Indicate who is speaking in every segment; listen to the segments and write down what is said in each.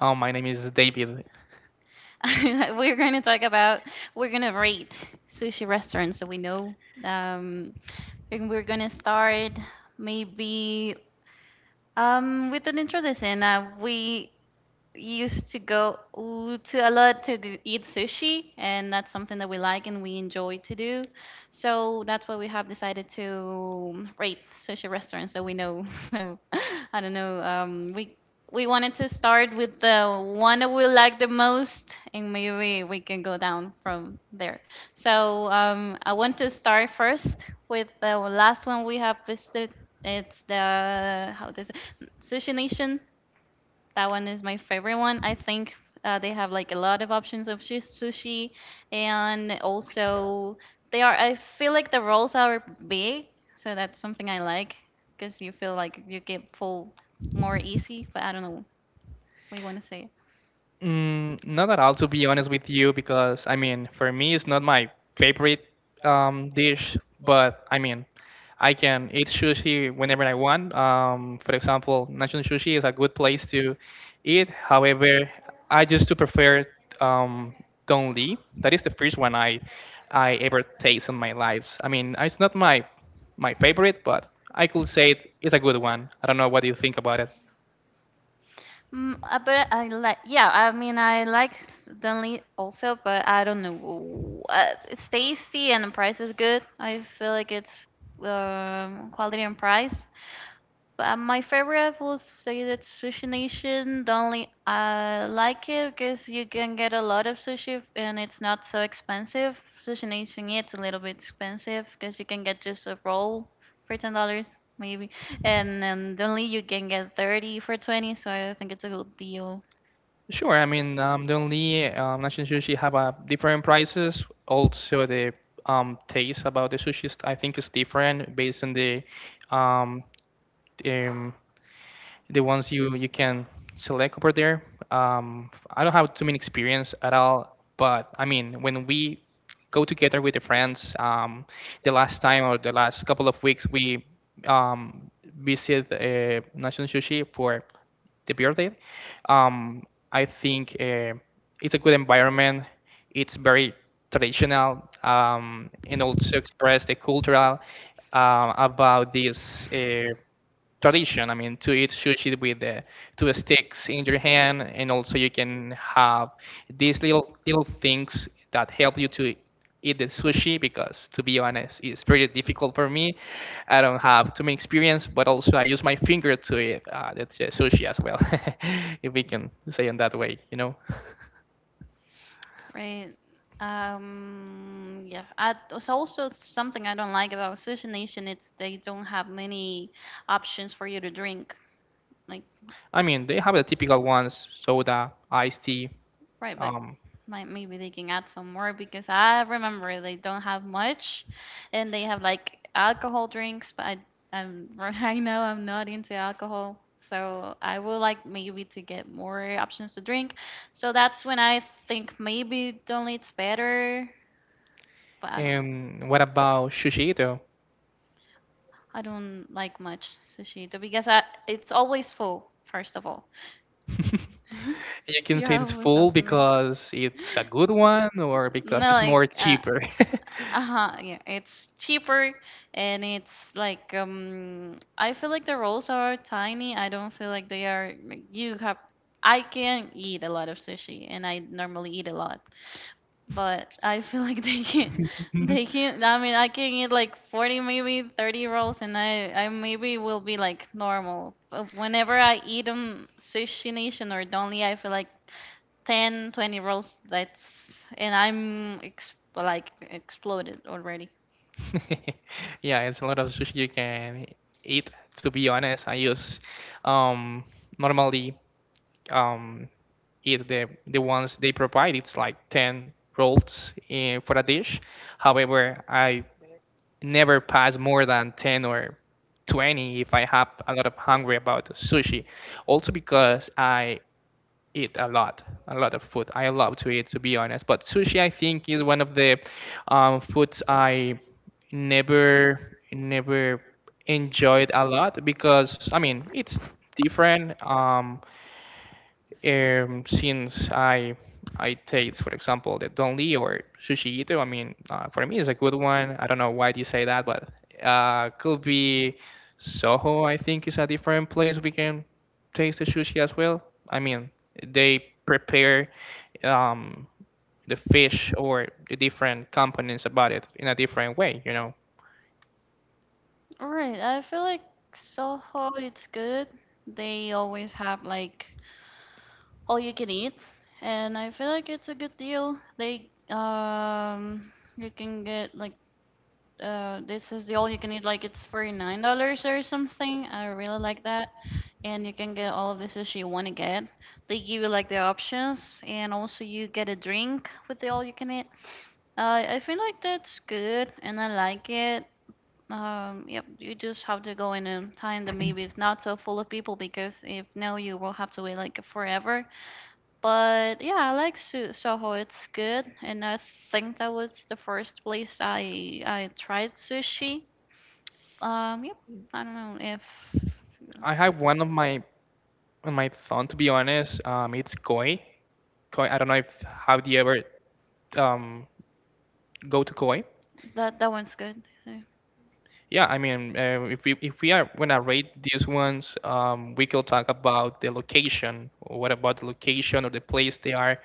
Speaker 1: Oh, my name is David.
Speaker 2: we're going to talk about we're going to rate sushi restaurants that we know. Um, and we're going to start maybe with an intro to Sena. We used to go ooh, to a lot to eat sushi, and that's something that we like and we enjoy to do. So that's why we have decided to rate sushi restaurants that we know. So I don't know. We wanted to start with the one that we like the most, and maybe we can go down from there. So I want to start first with the last one we have visited. It's the how does it, Sushi Nation. That one is my favorite one. I think they have like a lot of options of sushi, and also they are. I feel like the rolls are big, so that's something I like because you feel like you get full more easy. But I don't know what you want to say.
Speaker 1: Mm, not at all, to be honest with you, because I mean, for me, it's not my favorite dish, but I mean, I can eat sushi whenever I want. For example, National Sushi is a good place to eat. However, I just to prefer um, Don Lee. That is the first one I ever taste in my life. I mean, it's not my favorite, but I could say it is a good one. I don't know what you think about it.
Speaker 2: But I like, yeah, I mean, I like Dunley also, but I don't know. It's tasty and the price is good. I feel like it's quality and price. But my favorite, I would say that Sushi Nation. The only I like it because you can get a lot of sushi and it's not so expensive. Sushi Nation, yeah, it's a little bit expensive because you can get just a roll for $10 maybe, and then only you can get 30 for 20. So I think it's a good deal,
Speaker 1: Sure. I mean, the only National Sushi have a different prices. Also, the taste about the sushi, I think, is different based on um, um, the ones you can select over there. Um, I don't have too many experience at all, but I mean, when we go together with the friends, the last time or the last couple of weeks, we um, visit National Sushi for the birthday. Um, I think it's a good environment. It's very traditional and also express the cultural about this. Tradition. I mean, to eat sushi with the two sticks in your hand, and also you can have these little things that help you to eat the sushi. Because to be honest, it's pretty difficult for me. I don't have too many experience, but also I use my finger to eat the sushi as well, if we can say in that way.
Speaker 2: right? Yeah. I, it's also something I don't like about Sushi Nation. It's they don't have many options for you to drink. Like
Speaker 1: I mean, they have the typical ones: soda, iced tea.
Speaker 2: right, but
Speaker 1: Um,
Speaker 2: might maybe they can add some more because I remember they don't have much, and they have like alcohol drinks. I'm I know I'm not into alcohol, so I would like maybe to get more options to drink. So that's when I think maybe don't it's better. But I don't know.
Speaker 1: and what about sushi though?
Speaker 2: I don't like much sushi though, because I, it's always full. First of all,
Speaker 1: You can
Speaker 2: you
Speaker 1: say it's
Speaker 2: always have
Speaker 1: full
Speaker 2: to make.
Speaker 1: because it's a good one or because
Speaker 2: No,
Speaker 1: it's
Speaker 2: like
Speaker 1: more cheaper.
Speaker 2: uh-huh, yeah, it's cheaper and it's like I feel like the rolls are tiny. I don't feel like they are like, you have I can eat a lot of sushi and I normally eat a lot. But I feel like they can't they can't I mean I can eat like 40 maybe 30 rolls and I maybe will be like normal. But whenever I eat Sushi Nation or Donly, I feel like 10, 20 rolls. That's and I'm ex like exploded already.
Speaker 1: Yeah, it's a lot of sushi you can eat. To be honest, I use um normally um eat the ones they provide. It's like 10 rolls in, for a dish. However, I never pass more than 10 or 20 if I have a lot of hungry about sushi. Also because I eat a lot of food. I love to eat, to be honest. But sushi, I think, is one of the foods I never, never enjoyed a lot because, I mean, it's different. Since I taste, for example, the Don Lee or Sushi Ito, I mean, for me, it's a good one. I don't know why you say that, but could be Soho. I think is a different place we can taste the sushi as well. I mean, they prepare um, the fish or the different components about it in a different way. You know,
Speaker 2: All right, I feel like Soho it's good. They always have like all you can eat, and I feel like it's a good deal. They you can get like this is the all you can eat. Like it's $49 or something. I really like that, and you can get all of the sushi you want to get. They give you like the options, and also you get a drink with the all you can eat. I feel like that's good, and I like it. Yep, you just have to go in a time that maybe it's not so full of people because if no, you will have to wait like forever but yeah, I like Soho. It's good, and I think that was the first place I tried sushi. Yep. I don't know if
Speaker 1: I have one of my on my phone to be honest. It's Koi. Koi. I don't know if have you ever um go to Koi.
Speaker 2: that one's good. Yeah.
Speaker 1: Yeah, I mean, if we are gonna rate these ones, we could talk about the location. What about the location or the place they are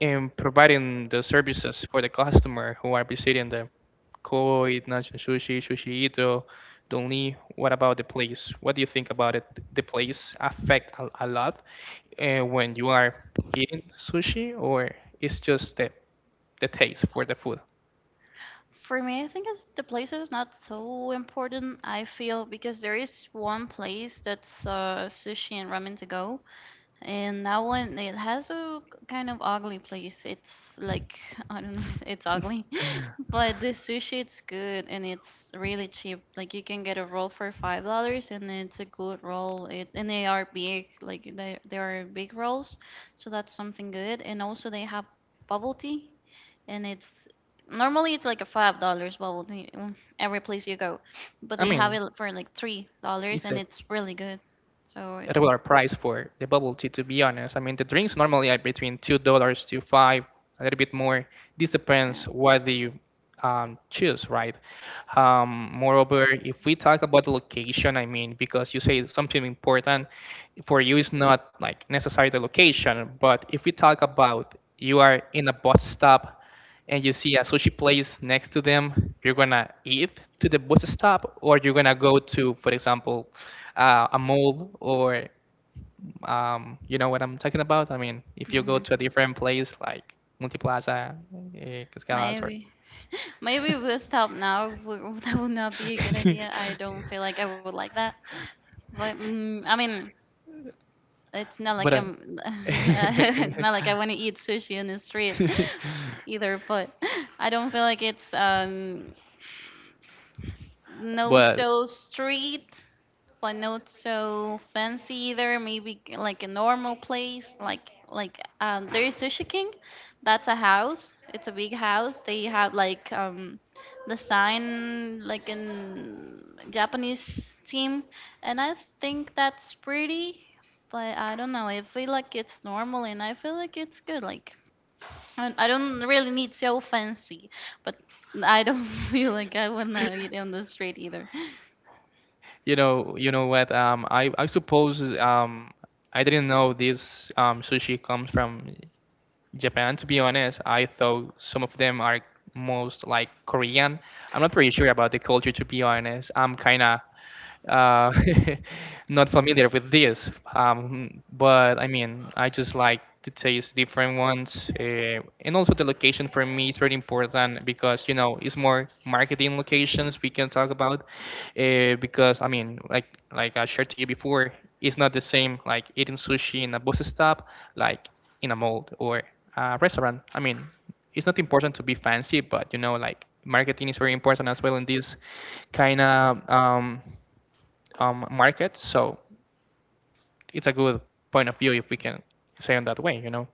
Speaker 1: in providing the services for the customer who are visiting the Koi, Nanshan Sushi, Sushi Ito, Donli. What about the place? What do you think about it? The place affect a lot when you are eating sushi, or it's just the taste for the food.
Speaker 2: For me, I think it's the place is not so important. I feel because there is one place that's sushi and ramen to go, and that one, it has a kind of ugly place. It's like, I don't know, it's ugly. But the sushi, it's good and it's really cheap. Like you can get a roll for $5 and it's a good roll. It and they are big, like they are big rolls, so that's something good. And also they have bubble tea, and it's normally it's like a $5 bubble tea every place you go, but
Speaker 1: I
Speaker 2: they have
Speaker 1: mean,
Speaker 2: it for like $3
Speaker 1: it's
Speaker 2: and
Speaker 1: a
Speaker 2: it's really good. So it's.
Speaker 1: regular price for the bubble tea, to be honest. I mean, the drinks normally are between $2 to five, a little bit more. This depends
Speaker 2: Right.
Speaker 1: what you choose, right? Moreover, if we talk about the location, I mean, because you say something important for you is not like necessarily the location, but if we talk about, you are in a bus stop and you see a sushi place next to them, you're gonna eat to the bus stop, or you're gonna go to, for example, a mall, or you know what I'm talking about? I mean, if you go
Speaker 2: Hmm.
Speaker 1: to a different place like Multiplaza, Cascadas, or
Speaker 2: Maybe. Maybe we'll stop now. That would not be a good idea. I don't feel like I would like that. But I mean, it's not
Speaker 1: but.
Speaker 2: like I'm.
Speaker 1: Uh,
Speaker 2: It's not like I want to eat sushi in the street either. But I don't feel like it's no
Speaker 1: but
Speaker 2: so street. But not so fancy either. Maybe like a normal place, like there is Sushi King. That's a house. It's a big house. They have like the sign like in Japanese theme, and I think that's pretty. But I don't know. I feel like it's normal, and I feel like it's good. Like I don't really need so fancy, but I don't feel like I wanna eat on the street either.
Speaker 1: you know, you know what? I suppose I didn't know this sushi comes from Japan. To be honest, I thought some of them are most like Korean. I'm not pretty sure about the culture. To be honest, I'm kind of uh, not familiar with this. But I mean, I just like to taste different ones, and also the location for me is very important because you know it's more marketing locations we can talk about. Because I mean, like I shared to you before, it's not the same like eating sushi in a bus stop, like in a mall or a restaurant. I mean, it's not important to be fancy, but you know, like marketing is very important as well in this kind of market. So it's a good point of view if we can say in that way.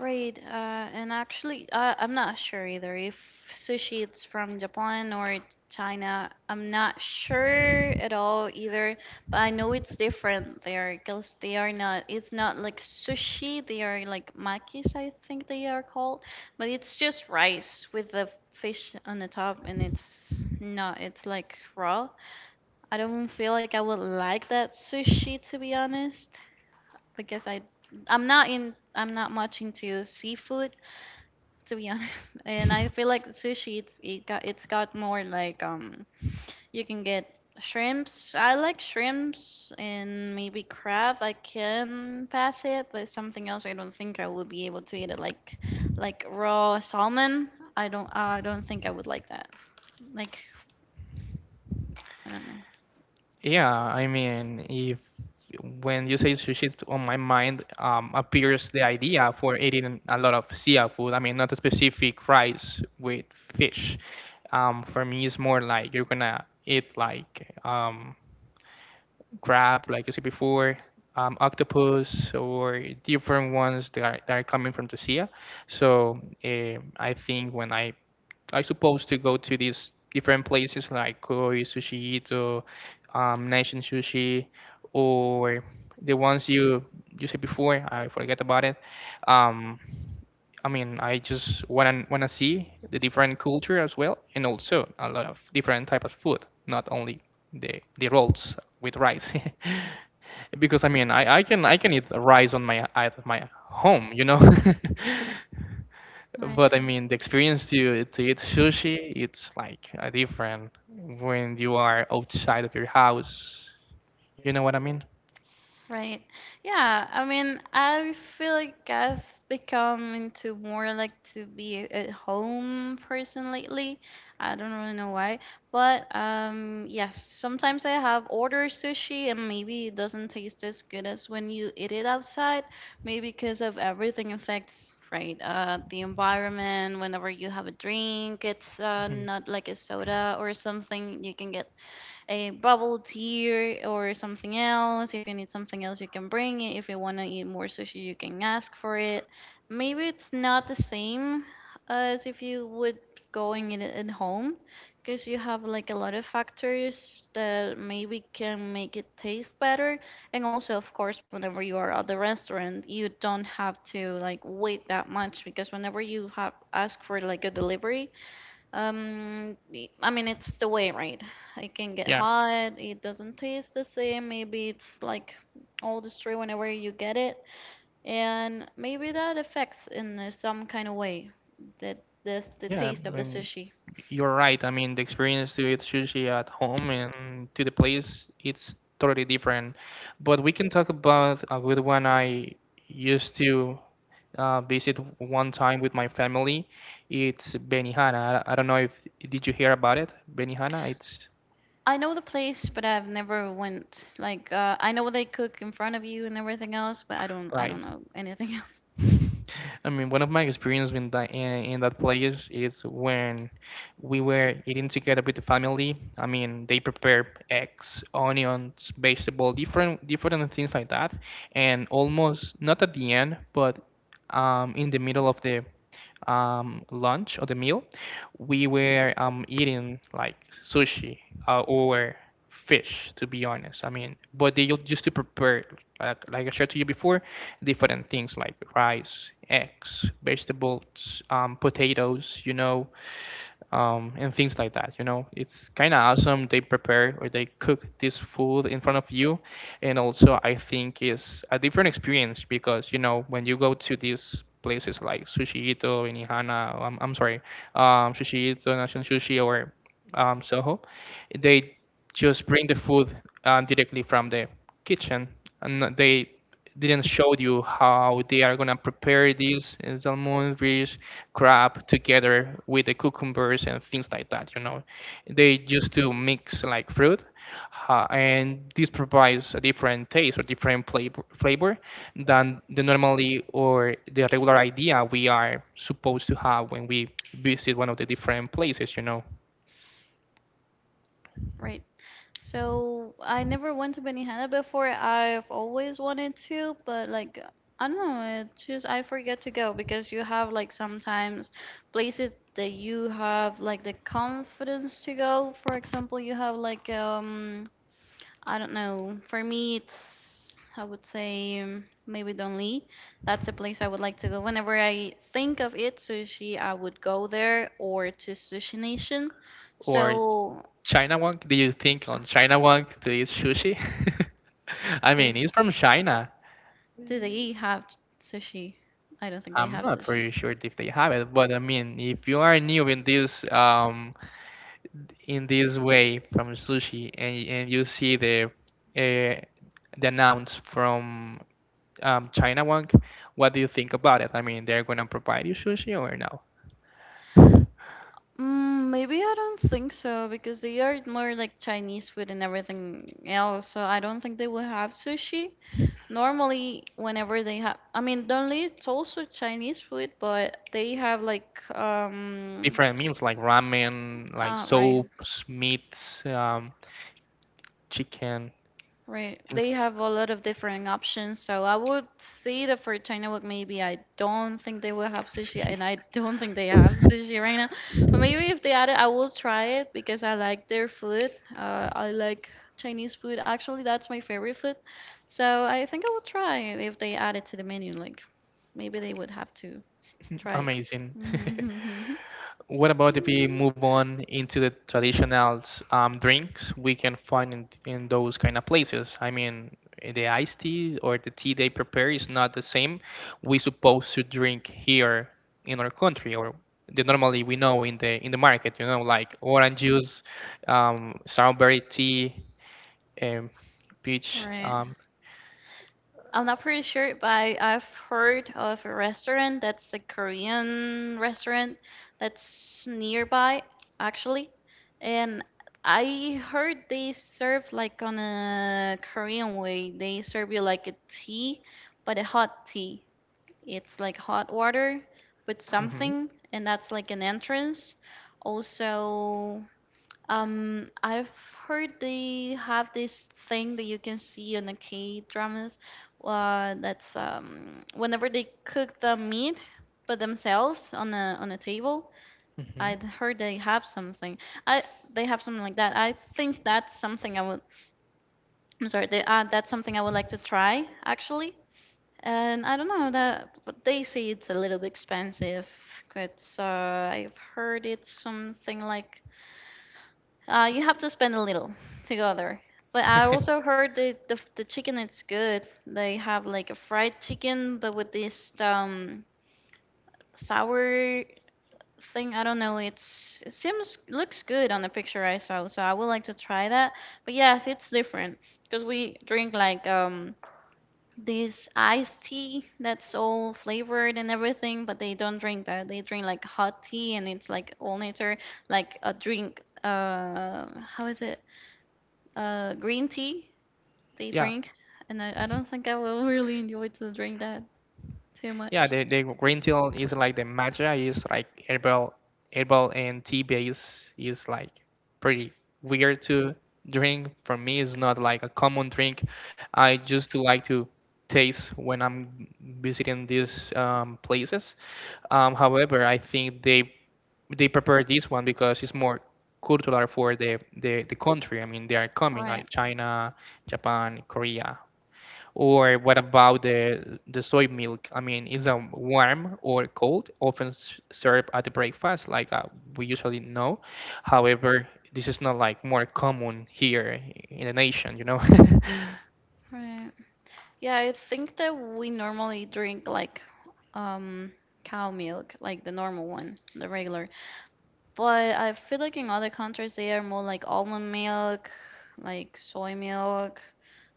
Speaker 2: Right, and actually, I'm not sure either if sushi it's from Japan or China. I'm not sure at all either, but I know it's different there because they are not. It's not like sushi. They are like makis, I think they are called, but it's just rice with the fish on the top, and it's not. It's like raw. I don't feel like I would like that sushi to be honest, because I'm not in I'm not much into seafood to be honest. And I feel like the sushi, it's it got it's got more like you can get shrimps. I like shrimps and maybe crab. I can pass it, but something else I don't think I would be able to eat it. Like raw salmon. I don't think I would like that. Like I don't know.
Speaker 1: Yeah, I mean, if when you say sushi, on my mind appears the idea for eating a lot of seafood. I mean, not a specific rice with fish. For me, it's more like you're gonna eat like crab, like you said before, octopus, or different ones that are coming from the sea. So I think when I supposed to go to these different places like Koi, Sushi Ito, Nation Sushi, or the ones you said before. I forget about it. Um, I mean, I just wanna see the different culture as well, and also a lot of different type of food, not only the rolls with rice. Because I mean, I can eat rice on my at my home.
Speaker 2: Right.
Speaker 1: But I mean, the experience to eat sushi, it's like a different when you are outside of your house. You know what I mean?
Speaker 2: Right. Yeah, I mean, I feel like I've become into more like to be at home person lately. I don't really know why, but yes, sometimes I have ordered sushi and maybe it doesn't taste as good as when you eat it outside, maybe because of everything affects, right? The environment, whenever you have a drink, it's
Speaker 1: Mhm.
Speaker 2: not like a soda or something you can get a bubble tea or something else. If you need something else, you can bring it. If you want to eat more sushi, you can ask for it. Maybe it's not the same as if you would go and eat it at home because you have like a lot of factors that maybe can make it taste better. And also, of course, whenever you are at the restaurant, you don't have to like wait that much because whenever you have ask for like a delivery, I mean, it's the way, right? It can get hot, it doesn't taste the same. Maybe it's like all destroyed whenever you get it, and maybe that affects in some kind of way that this the
Speaker 1: Yeah, I
Speaker 2: taste of the
Speaker 1: mean,
Speaker 2: sushi.
Speaker 1: you're right. I mean, the experience to eat sushi at home and to the place, it's totally different. But we can talk about a good one I used to visit one time with my family. It's Benihana. I don't know if did you hear about it? Benihana, it's
Speaker 2: I know the place, but I've never went. Like, I know what they cook in front of you and everything else, but I
Speaker 1: right.
Speaker 2: don't know anything else,
Speaker 1: I mean, one of my experience in that place is when we were eating together with the family. I mean, they prepare eggs, onions, vegetable, different things like that, and almost not at the end, but in the middle of the lunch or the meal, we were eating like sushi or fish, to be honest. I mean, but they used to prepare, like I shared to you before, different things like rice, eggs, vegetables, potatoes, and things like that. You know, it's kind of awesome. They prepare or they cook this food in front of you, and also I think is a different experience. Because you know, when you go to these places like Sushi Ito in Ihana, I'm sorry, Sushi Ito, National Sushi or Soho, they just bring the food directly from the kitchen and they didn't show you how they are gonna prepare these salmon fish crab together with the cucumbers and things like that. You know, they used to mix like fruit and this provides a different taste or different flavor than the normally or the regular idea we are supposed to have when we visit one of the different places.
Speaker 2: right? So I never went to Benihana before. I've always wanted to, but like I don't know, it just I forget to go because you have like sometimes places that you have like the confidence to go. For example, you have like I don't know. For me, it's I would say maybe Don Lee. That's a place I would like to go. Whenever I think of it, sushi, I would go there or to Sushi Nation.
Speaker 1: Or
Speaker 2: So
Speaker 1: China Wonk? Do you think on China Wonk to eat sushi? I
Speaker 2: the
Speaker 1: mean, he's from China.
Speaker 2: do they have sushi? I don't think they
Speaker 1: I'm
Speaker 2: have
Speaker 1: not
Speaker 2: sushi.
Speaker 1: pretty sure if they have it, but I mean, if you are new in this in this way from sushi and you see uh, the announce from China Wonk, what do you think about it? I mean, they're gonna provide you sushi or no?
Speaker 2: Maybe I don't think so because they are more like Chinese food and everything else. So I don't think they will have sushi. Normally, whenever they have, I mean, only it's also Chinese food, but they have like
Speaker 1: Different meals like ramen, like
Speaker 2: right.
Speaker 1: soups, meats. Chicken,
Speaker 2: Right.
Speaker 1: things
Speaker 2: They
Speaker 1: like
Speaker 2: have a lot of different options, so I would say that for China Walk, maybe I don't think they will have sushi, and I don't think they have sushi right now. But maybe if they add it, I will try it because I like their food. I like Chinese food. Actually, that's my favorite food. So I think I will try it if they add it to the menu. Like maybe they would have to. Try.
Speaker 1: amazing.
Speaker 2: Mhm.
Speaker 1: What about if we move on into the traditional drinks we can find in those kind of places? I mean, the iced tea or the tea they prepare is not the same we supposed to drink here in our country or the normally we know in the market, you know, like orange juice, strawberry tea, um, peach.
Speaker 2: Right. I'm not pretty sure, but I've heard of a restaurant that's a Korean restaurant that's nearby, actually. And I heard they serve like on a Korean way. They serve you like a tea, but a hot tea. It's like hot water with
Speaker 1: Mhm,
Speaker 2: something, and that's like an entrance. Also, I've heard they have this thing that you can see on the K dramas, that's whenever they cook the meat by themselves on a table.
Speaker 1: mhm.
Speaker 2: I'd heard they have something. I they have something like that. I think that's something I would. I'm sorry. They, that's something I would like to try, actually. And I don't know that, but they say it's a little bit expensive. It's I've heard it's something like you have to spend a little to go there. But I also heard that the chicken is good. They have like a fried chicken, but with this sour thing. I don't know. It seems looks good on the picture I saw, so I would like to try that. But yes, it's different because we drink like this iced tea that's all flavored and everything, but they don't drink that. They drink like hot tea and it's like all nature, like a drink. How is it? Green tea they
Speaker 1: Yeah,
Speaker 2: drink, and I don't think I will really enjoy to drink that too
Speaker 1: yeah,
Speaker 2: much.
Speaker 1: the green tea is like the matcha, is like herbal and tea base. Is like pretty weird to drink for me. It's not like a common drink. I just do like to taste when I'm visiting these places. However, I think they prepare this one because it's more cultural for the country. I mean, they are coming
Speaker 2: Right,
Speaker 1: like China, Japan, Korea. Or what about the soy milk? I mean, is it warm or cold? Often served at the breakfast, like we usually know. However, this is not like more common here in the nation. You know,
Speaker 2: right. Yeah, I think that we normally drink like um cow milk, like the normal one, the regular. But I feel like in other countries they are more like almond milk, like soy milk,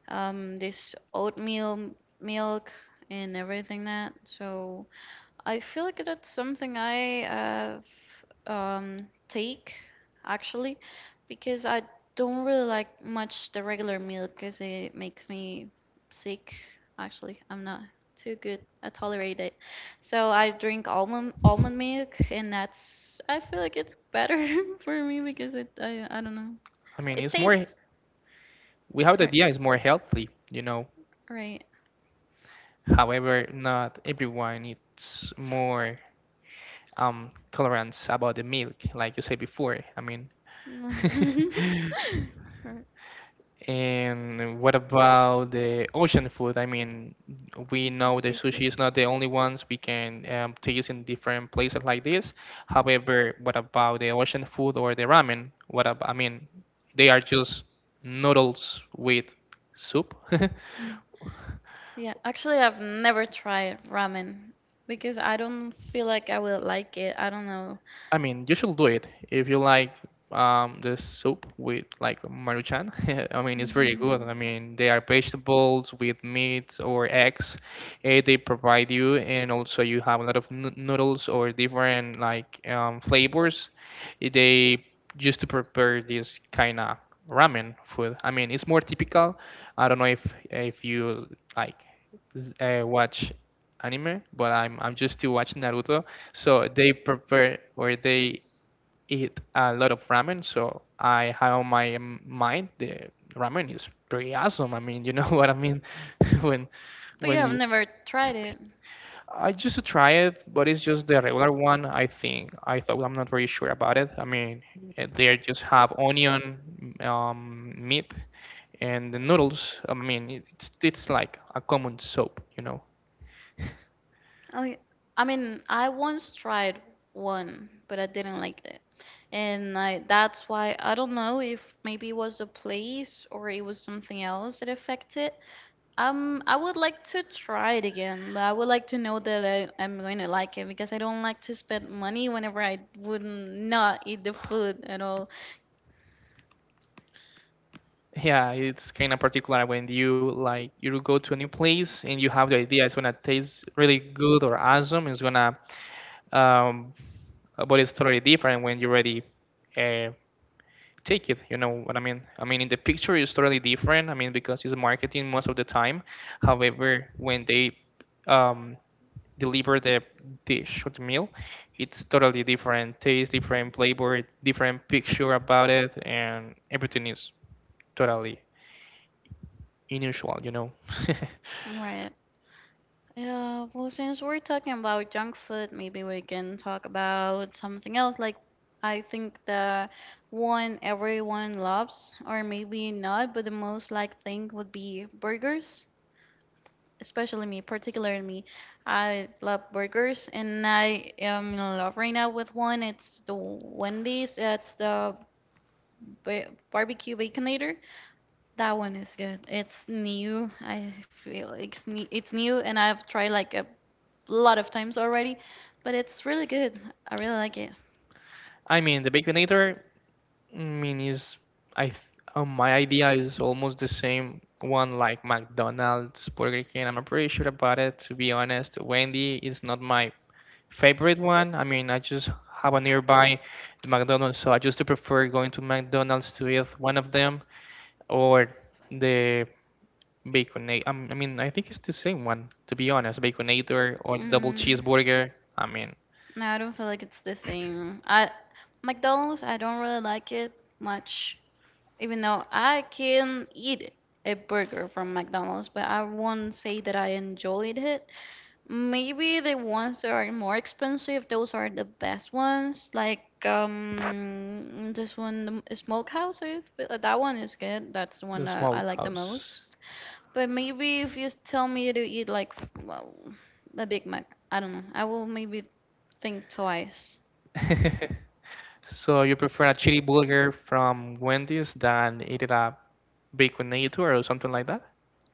Speaker 2: this oatmeal milk and everything that. So I feel like that's something I um, take, actually, because I don't really like much the regular milk because it makes me sick. Actually, I'm not too good. I tolerate it, so I drink almond milk, and that's I feel like it's better for me because it I don't know
Speaker 1: I mean,
Speaker 2: it
Speaker 1: it's more
Speaker 2: tastes
Speaker 1: we have the
Speaker 2: uh,
Speaker 1: idea it's more healthy. You know,
Speaker 2: right.
Speaker 1: however, not everyone. It's more tolerance about the milk, like you said before. I mean,
Speaker 2: Right.
Speaker 1: and what about the ocean food? I mean, we know the
Speaker 2: Seafood.
Speaker 1: sushi is not the only ones we can taste in different places like this. However, what about the ocean food or the ramen? What ab I mean, they are just noodles with soup.
Speaker 2: Mm, yeah, actually, I've never tried ramen because I don't feel like I will like it. I don't know.
Speaker 1: I mean, you should do it if you like the soup with like Maruchan. I mean, it's very good. I
Speaker 2: Mhm.
Speaker 1: mean, they are vegetables with meat or eggs they provide you, and also you have a lot of noodles or different like flavors. They used to prepare this kind of ramen food. I mean, it's more typical. I don't know if you like watch anime, but I'm just still watching Naruto. So they prepare or they eat a lot of ramen. So I have on my mind the ramen is pretty awesome. I mean, you know what I mean? When
Speaker 2: But you
Speaker 1: when
Speaker 2: have
Speaker 1: you
Speaker 2: never tried it.
Speaker 1: I used to try it, but it's just the regular one. I think I thought I'm not very sure about it. I mean, they just have onion, meat, and the noodles. I mean, it's like a common soup, you know.
Speaker 2: I, I mean, I once tried one, but I didn't like it. And that's why I don't know if maybe it was a place or it was something else that affected. I would like to try it again, but I would like to know that I'm going to like it because I don't like to spend money whenever I would not eat the food at all.
Speaker 1: Yeah, it's kind of particular when you like you go to a new place and you have the idea it's gonna taste really good or awesome. It's gonna, um, but it's totally different when you already uh, take it. You know what I mean? I mean, in the picture it's totally different. I mean, because it's marketing most of the time. However, when they um, deliver the dish or the meal, it's totally different taste, different flavor, different picture about it, and everything is totally unusual, you know.
Speaker 2: Right. Yeah, well, since we're talking about junk food, maybe we can talk about something else. Like, I think the one everyone loves, or maybe not, but the most liked thing would be burgers. Especially me, particularly me. I love burgers, and I am in love right now with one. It's the Wendy's. It's the barbecue baconator. That one is good. It's new. I feel like it's new, and I've tried like a lot of times already, but it's really good. I really like it.
Speaker 1: I mean, the Baconator, I mean, is I th- my idea is almost the same one like McDonald's Burger King. I'm not pretty sure about it. To be honest, Wendy is not my favorite one. I mean, I just have a nearby McDonald's, so I just do prefer going to McDonald's to eat one of them or the Baconator. I mean, I think it's the same one. To be honest, Baconator or the double
Speaker 2: Mm.
Speaker 1: cheeseburger. I mean,
Speaker 2: No, I don't feel like it's the same. I McDonald's, I don't really like it much, even though I can eat a burger from McDonald's, but I won't say that I enjoyed it. Maybe the ones that are more expensive, those are the best ones. Like this one, the Smokehouse, I feel- that one is good. That's the one
Speaker 1: the
Speaker 2: that I like the
Speaker 1: smokehouse.
Speaker 2: most. But maybe if you tell me to eat like well, a Big Mac, I don't know. I will maybe think twice.
Speaker 1: So you prefer a chili burger from Wendy's than eating a bacon nator or something like that?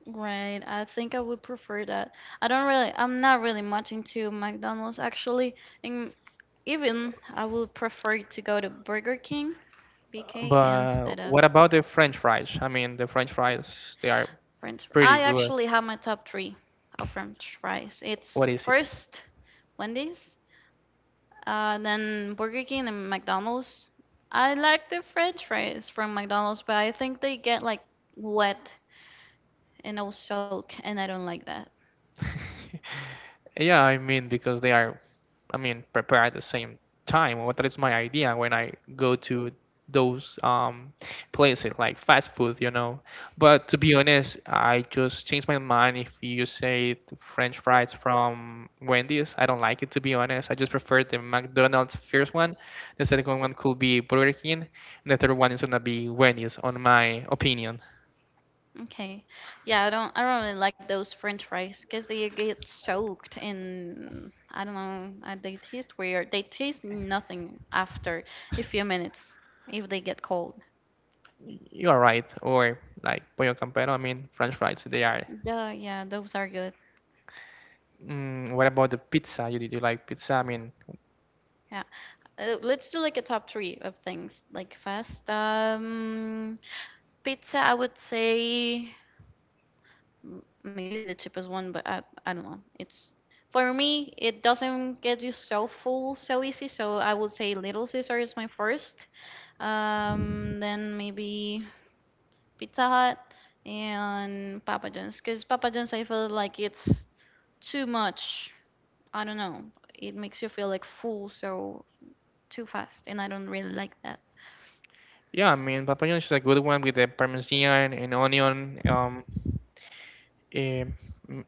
Speaker 2: Right. I think I would prefer that. I'm not really much into McDonald's, actually. And even I would prefer to go to Burger King, BK,
Speaker 1: But
Speaker 2: instead of
Speaker 1: what about the French fries? I mean, the French fries, they are pretty
Speaker 2: I
Speaker 1: good.
Speaker 2: actually have my top 3 of French fries. It's
Speaker 1: What is it?
Speaker 2: first Wendy's, then Burger King and McDonald's. I like the French fries from McDonald's, but I think they get like wet and all soak, and I don't like that.
Speaker 1: Yeah, I mean, because they are, I mean, prepared at the same time. Well, that is my idea when I go to those places like fast food, you know. But to be honest, I just changed my mind. If you say French fries from Wendy's, I don't like it, to be honest. I just prefer the McDonald's first one. The second one could be Burger King, and the third one is gonna be Wendy's, on my opinion.
Speaker 2: Okay, yeah, I don't really like those French fries because they get soaked, and I don't know, they taste weird. They taste nothing after a few minutes if they get cold.
Speaker 1: You are right, or like Pollo Campero. I mean, French fries, they are.
Speaker 2: The, yeah, those are good.
Speaker 1: Mm, what about the pizza? You, did you like pizza? I mean,
Speaker 2: Yeah. Let's do like a top three of things like fast. Pizza, I would say maybe the cheapest one, but I don't know. It's for me, it doesn't get you so full so easy. So I would say Little Caesar is my first. Then maybe Pizza Hut and Papa John's, because Papa John's, I feel like it's too much. I don't know. It makes you feel like full so too fast, and I don't really like that.
Speaker 1: yeah, I mean, Papa John's is a good one with the parmesan and onion. Eh, mm,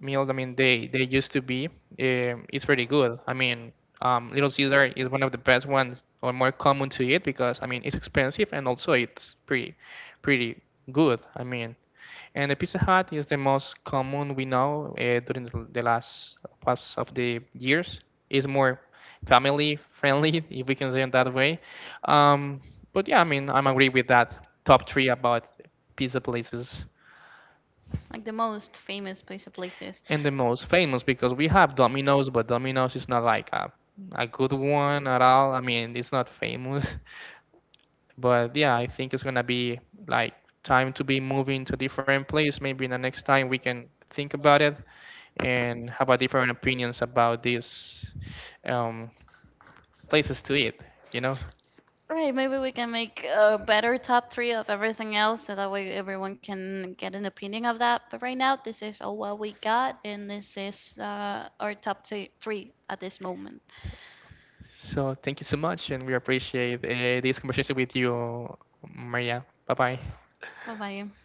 Speaker 1: meals, I mean, they used to be. It's pretty good. I mean, Little Caesar is one of the best ones or more common to eat because I mean it's expensive and also it's pretty good. I mean, and the Pizza Hut is the most common we know during the last parts of the years. It's more family friendly, if we can say it that way. Um, but yeah, I mean, I'm agree with that top 3 about pizza places,
Speaker 2: Like the most famous place of places.
Speaker 1: and the most famous because we have Domino's, but Domino's is not like a good one at all. I mean, it's not famous, but yeah, I think it's gonna be like time to be moving to different place. Maybe the next time we can think about it and have a different opinions about these um, places to eat, you know.
Speaker 2: Right, maybe we can make a better top three of everything else so that way everyone can get an opinion of that. But right now, this is all what we got, and this is our top three at this moment.
Speaker 1: So thank you so much, and we appreciate this conversation with you, Maria. Bye bye.
Speaker 2: Bye bye.